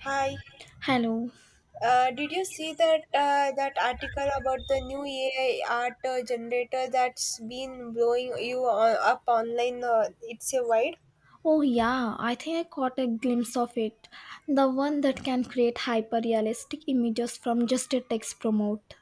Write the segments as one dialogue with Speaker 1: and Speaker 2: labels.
Speaker 1: Hi.
Speaker 2: Hello.
Speaker 1: Did you see that that article about the new AI art generator that's been up online? It's a wide.
Speaker 2: Oh, yeah, I think I caught a glimpse of it. The one that can create hyper realistic images from just a text prompt.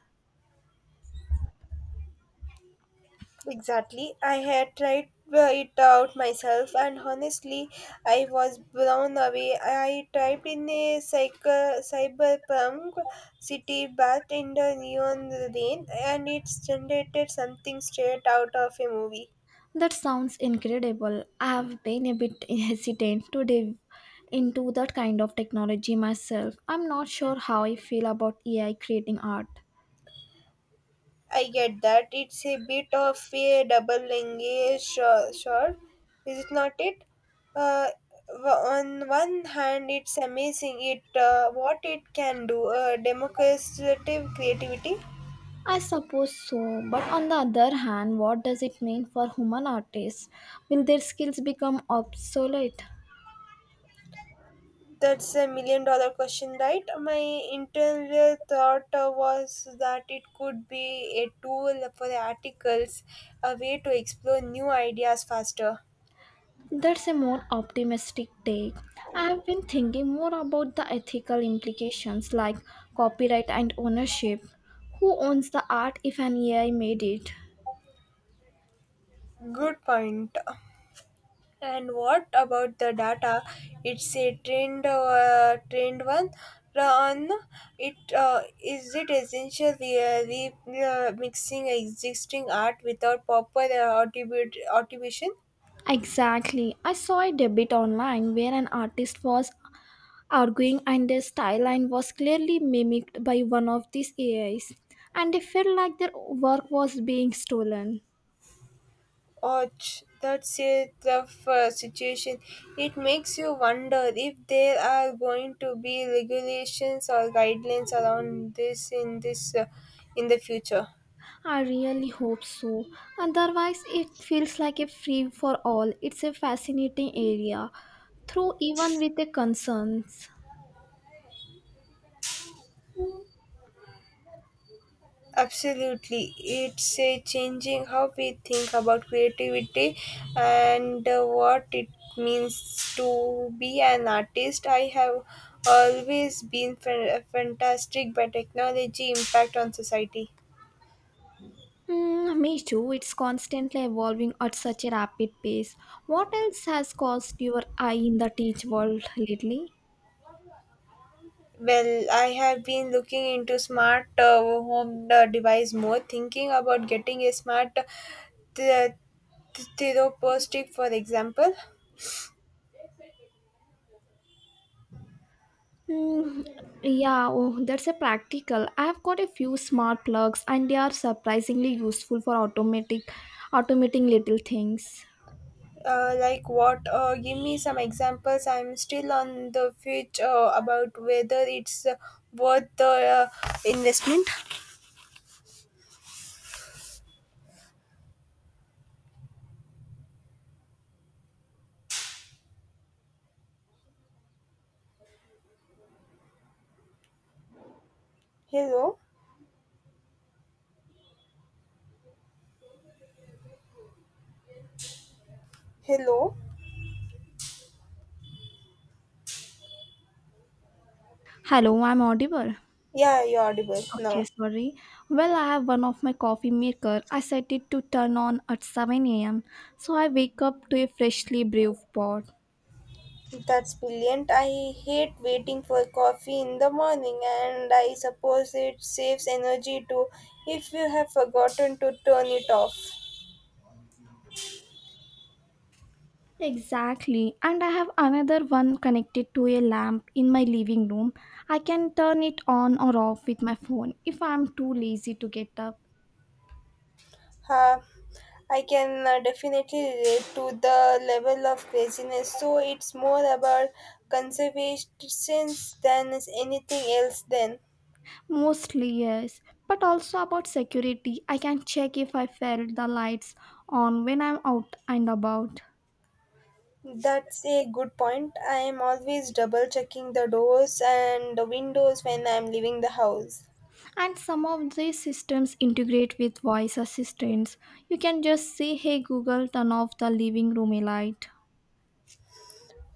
Speaker 1: Exactly. I had tried it out myself, and honestly, I was blown away. I typed in cyberpunk city bath in the neon rain, and it's generated something straight out of a movie.
Speaker 2: That sounds incredible. I have been a bit hesitant to dive into that kind of technology myself. I'm not sure how I feel about AI creating art.
Speaker 1: I get that. It's a bit of a double engage sword, is it not it? Uh, on one hand, it's amazing it what it can do, democratic creativity.
Speaker 2: I suppose so, but on the other hand, what does it mean for human artists? Will their skills become obsolete?
Speaker 1: That's a million dollar question, right? My internal thought was that it could be a tool for articles, a way to explore new ideas faster.
Speaker 2: That's a more optimistic take. I've been thinking more about the ethical implications like copyright and ownership. Who owns the art if an AI made it?
Speaker 1: Good point. And what about the data? It's a trend, trend one. Run it. Is it essential we mixing existing art without proper attribute attribution?
Speaker 2: Exactly. I saw a debate online where an artist was arguing and their style line was clearly mimicked by one of these AIs and they felt like their work was being stolen.
Speaker 1: Or that's a tough situation. It makes you wonder if there are going to be regulations or guidelines around this in this in the future.
Speaker 2: I really hope so. Otherwise, it feels like a free for all. It's a fascinating area, through even with the concerns.
Speaker 1: Absolutely. It's a changing how we think about creativity and what it means to be an artist. I have always been fantastic by technology impact on society.
Speaker 2: Me too. It's constantly evolving at such a rapid pace. What else has caused your eye in the teach world lately?
Speaker 1: Well, I have been looking into smart home device more, thinking about getting a smart therapeutic, for example.
Speaker 2: Mm, yeah, oh, that's a practical. I've got a few smart plugs, and they are surprisingly useful for automating little things.
Speaker 1: Like what? Give me some examples. I'm still on the fence about whether it's worth the investment. Hello, hello.
Speaker 2: Hello, I'm audible.
Speaker 1: Yeah, you're audible
Speaker 2: Okay,
Speaker 1: now.
Speaker 2: sorry. Well, I have one of my coffee maker. I set it to turn on at 7 a.m. So I wake up to a freshly brewed pot.
Speaker 1: That's brilliant. I hate waiting for coffee in the morning, and I suppose it saves energy too if you have forgotten to turn it off.
Speaker 2: Exactly. And I have another one connected to a lamp in my living room. I can turn it on or off with my phone if I'm too lazy to get up.
Speaker 1: Uh, I can definitely relate to the level of craziness. So it's more about conservation than is anything else. Then
Speaker 2: Mostly, yes. But also about security, I can check if I felt the lights on when I'm out and about.
Speaker 1: that's a good point. I am always double checking the doors and the windows when I'm leaving the house.
Speaker 2: And some of these systems integrate with voice assistants. You can just say, "Hey Google, turn off the living room light."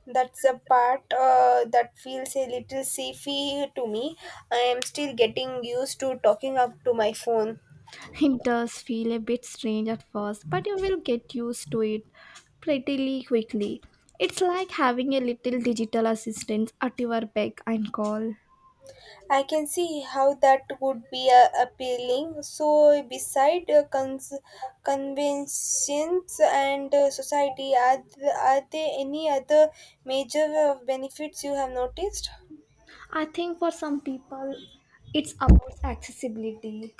Speaker 1: That's the part that feels a little safey to me. I am still getting used to talking up to my phone.
Speaker 2: It does feel a bit strange at first, but you will get used to it pretty quickly. It's like having a little digital assistant at your beck and call.
Speaker 1: I can see how that would be appealing. So, beside conventions and society, are, are there any other major benefits you have noticed?
Speaker 2: I think for some people, it's about accessibility.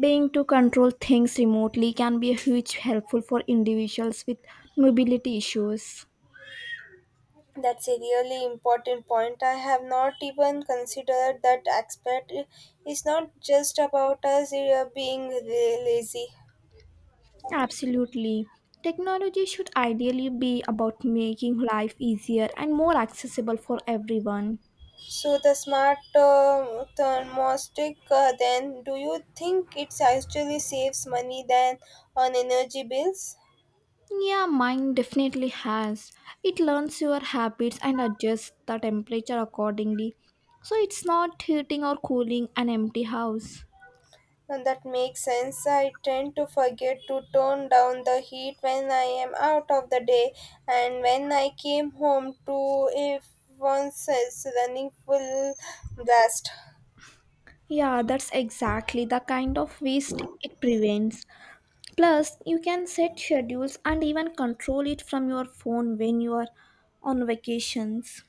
Speaker 2: Being to control things remotely can be a huge helpful for individuals with mobility issues.
Speaker 1: That's a really important point. I have not even considered that aspect. It's not just about us being lazy.
Speaker 2: Absolutely. Technology should ideally be about making life easier and more accessible for everyone.
Speaker 1: So the smart thermostat, then do you think it actually saves money than on energy bills?
Speaker 2: Yeah, mine definitely has. It learns your habits and adjusts the temperature accordingly. So it's not heating or cooling an empty house.
Speaker 1: And that makes sense. I tend to forget to turn down the heat when I am out of the day, and when I came home to if once is running full blast.
Speaker 2: Yeah, that's exactly the kind of waste it prevents. Plus, you can set schedules and even control it from your phone when you are on vacations.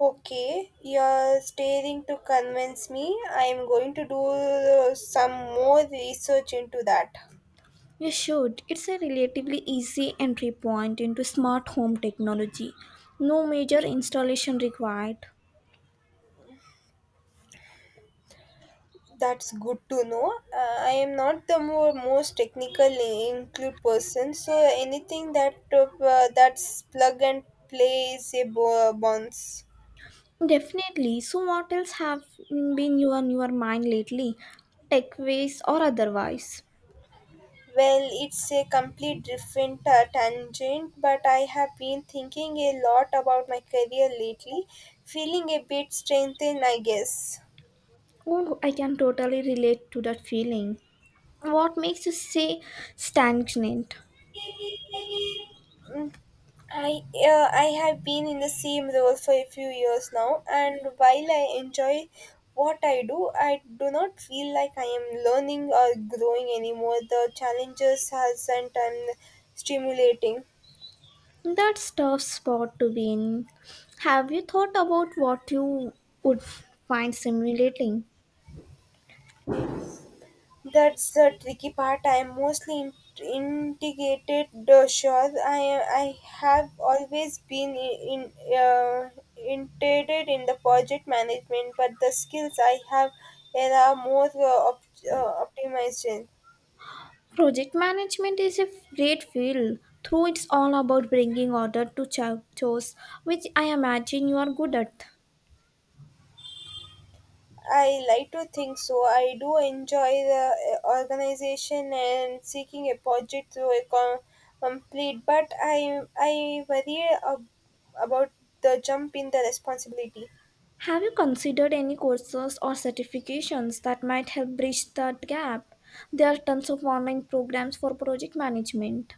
Speaker 1: Okay, you're staring to convince me. I am going to do some more research into that.
Speaker 2: You should. It's a relatively easy entry point into smart home technology. No major installation required.
Speaker 1: That's good to know. I am not the more most technical include person, so anything that's plug and play is a bonds.
Speaker 2: Definitely. So, what else have been you on your mind lately? Tech ways or otherwise?
Speaker 1: Well, it's a complete different tangent, but I have been thinking a lot about my career lately, feeling a bit strengthened, I guess.
Speaker 2: Oh, I can totally relate to that feeling. What makes you say stagnant?
Speaker 1: Mm, I have been in the same role for a few years now, and while I enjoy what I do not feel like I am learning or growing anymore. The challenges hasn't and stimulating.
Speaker 2: That's tough spot to be in. Have you thought about what you would find stimulating?
Speaker 1: That's the tricky part. I am mostly integrated. Sure, I have always been in integrated in the project management, but the skills I have there are more optimized in.
Speaker 2: Project management is a great field. Through it's all about bringing order to chores, which I imagine you are good at.
Speaker 1: I like to think so. I do enjoy the organization and seeking a project to a complete, but I worry about the jump in the responsibility.
Speaker 2: Have you considered any courses or certifications that might help bridge that gap? There are tons of online programs for project management.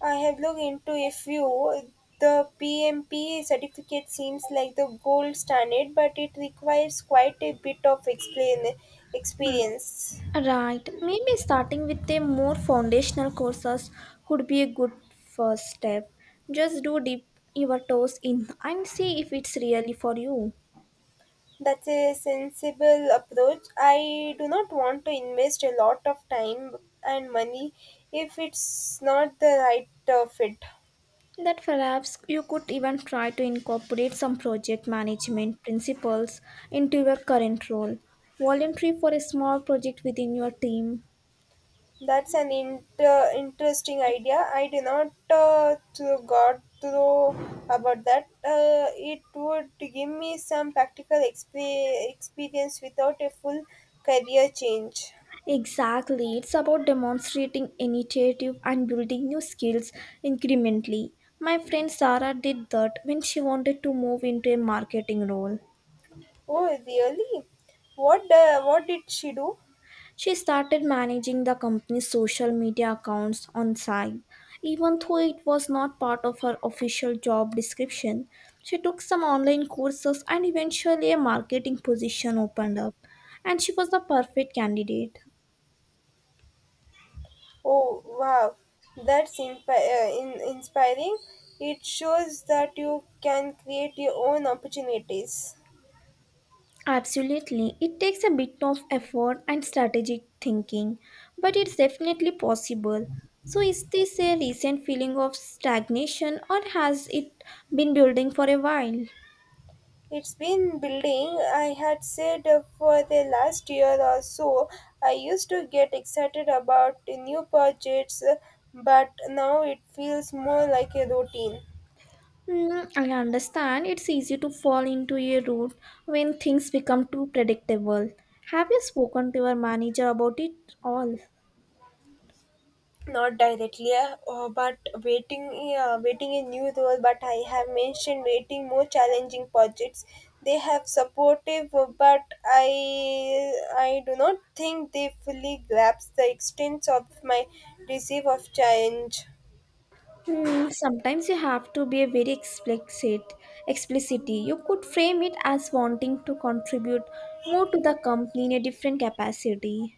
Speaker 1: I have looked into a few. The PMP certificate seems like the gold standard, but it requires quite a bit of explain experience.
Speaker 2: Right, maybe starting with a more foundational courses could be a good first step. Just do dip your toes in and see if it's really for you.
Speaker 1: That's a sensible approach. I do not want to invest a lot of time and money if it's not the right fit.
Speaker 2: That perhaps you could even try to incorporate some project management principles into your current role. Voluntary for a small project within your team.
Speaker 1: That's an interesting idea. I do not to got through about that. It would give me some practical experience without a full career change.
Speaker 2: Exactly, it's about demonstrating initiative and building new skills incrementally. My friend Sarah did that when she wanted to move into a marketing role.
Speaker 1: Oh, really? What did she do?
Speaker 2: She started managing the company's social media accounts on side. Even though it was not part of her official job description, she took some online courses and eventually a marketing position opened up, and she was the perfect candidate.
Speaker 1: Oh wow, that's inspiring. It shows that you can create your own opportunities.
Speaker 2: Absolutely, it takes a bit of effort and strategic thinking, but it's definitely possible. So, is this a recent feeling of stagnation or has it been building for a while?
Speaker 1: It's been building. I had said for the last year or so, I used to get excited about the new projects, but now it feels more like a routine.
Speaker 2: I understand it's easy to fall into a rut when things become too predictable. Have you spoken to your manager about it all?
Speaker 1: Not directly but waiting, waiting a new role, but I have mentioned waiting more challenging projects. They have supportive but I do not think they fully grasp the extent of my receive of challenge.
Speaker 2: Sometimes you have to be very explicit. Explicity. You could frame it as wanting to contribute more to the company in a different capacity.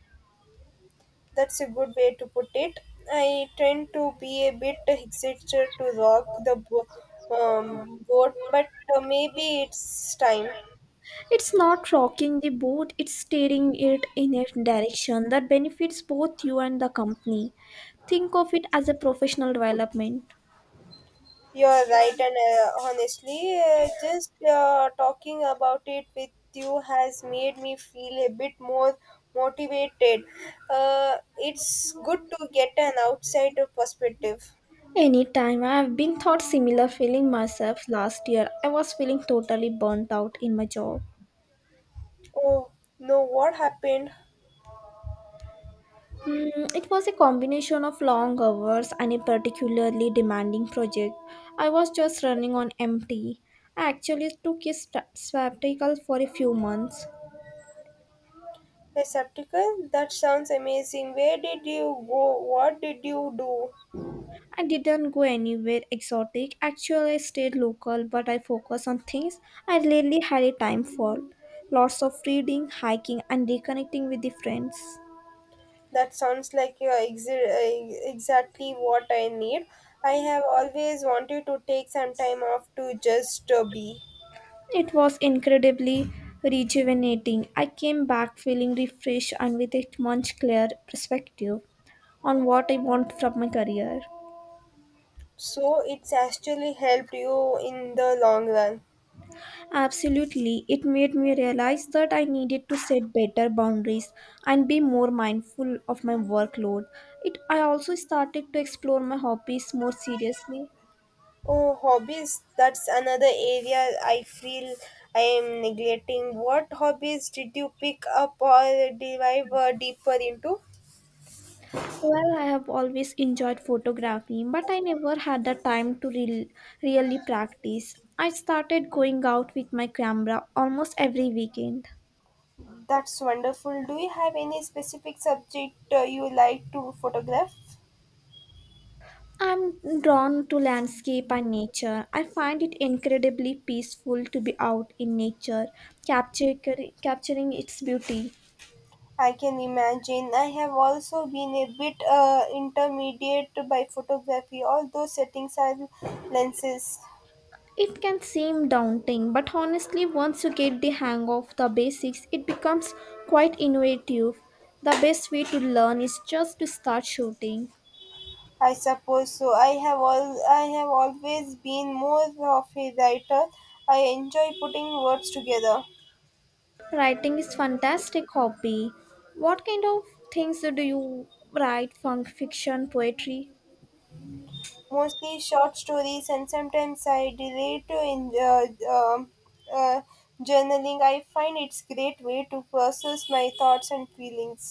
Speaker 1: That's a good way to put it. I tend to be a bit hesitant to rock the boat, but maybe it's time.
Speaker 2: It's not rocking the boat; it's steering it in a direction that benefits both you and the company. Think of it as a professional development.
Speaker 1: You're right, and honestly, just talking about it with you has made me feel a bit more motivated. It's good to get an outsider perspective.
Speaker 2: Anytime I've been thought similar feeling myself last year, I was feeling totally burnt out in my job.
Speaker 1: Oh no, what happened?
Speaker 2: It was a combination of long hours and a particularly demanding project. I was just running on empty. I actually took a sabbatical for a few months.
Speaker 1: A septical? That sounds amazing. Where did you go? What did you do?
Speaker 2: I didn't go anywhere exotic. Actually, I stayed local, but I focused on things I really had a time for. Lots of reading, hiking, and reconnecting with the friends.
Speaker 1: That sounds like exactly what I need. I have always wanted to take some time off to just be.
Speaker 2: It was incredibly rejuvenating. I came back feeling refreshed and with a much clearer perspective on what I want from my career.
Speaker 1: So it's actually helped you in the long run.
Speaker 2: Absolutely, it made me realize that I needed to set better boundaries and be more mindful of my workload. It I also started to explore my hobbies more seriously.
Speaker 1: Oh, hobbies. That's another area I feel I am neglecting. What hobbies did you pick up or dive deeper into?
Speaker 2: Well, I have always enjoyed photography, but I never had the time to really practice. I started going out with my camera almost every weekend.
Speaker 1: That's wonderful. Do you have any specific subject you like to photograph?
Speaker 2: I'm drawn to landscape and nature. I find it incredibly peaceful to be out in nature, capture, capturing its beauty.
Speaker 1: I can imagine. I have also been a bit intermediate by photography, although settings are lenses.
Speaker 2: It can seem daunting, but honestly, once you get the hang of the basics, it becomes quite innovative. The best way to learn is just to start shooting.
Speaker 1: I suppose so. I have always been more of a writer. I enjoy putting words together,
Speaker 2: Writing is fantastic hobby. What kind of things do you write? Funk fiction, poetry?
Speaker 1: mostly short stories, and sometimes I relate to in um uh, journaling. I find it's great way to process my thoughts and feelings.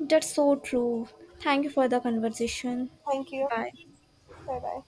Speaker 2: That's so true. Thank you for the conversation.
Speaker 1: Thank you.
Speaker 2: Bye.
Speaker 1: Bye bye.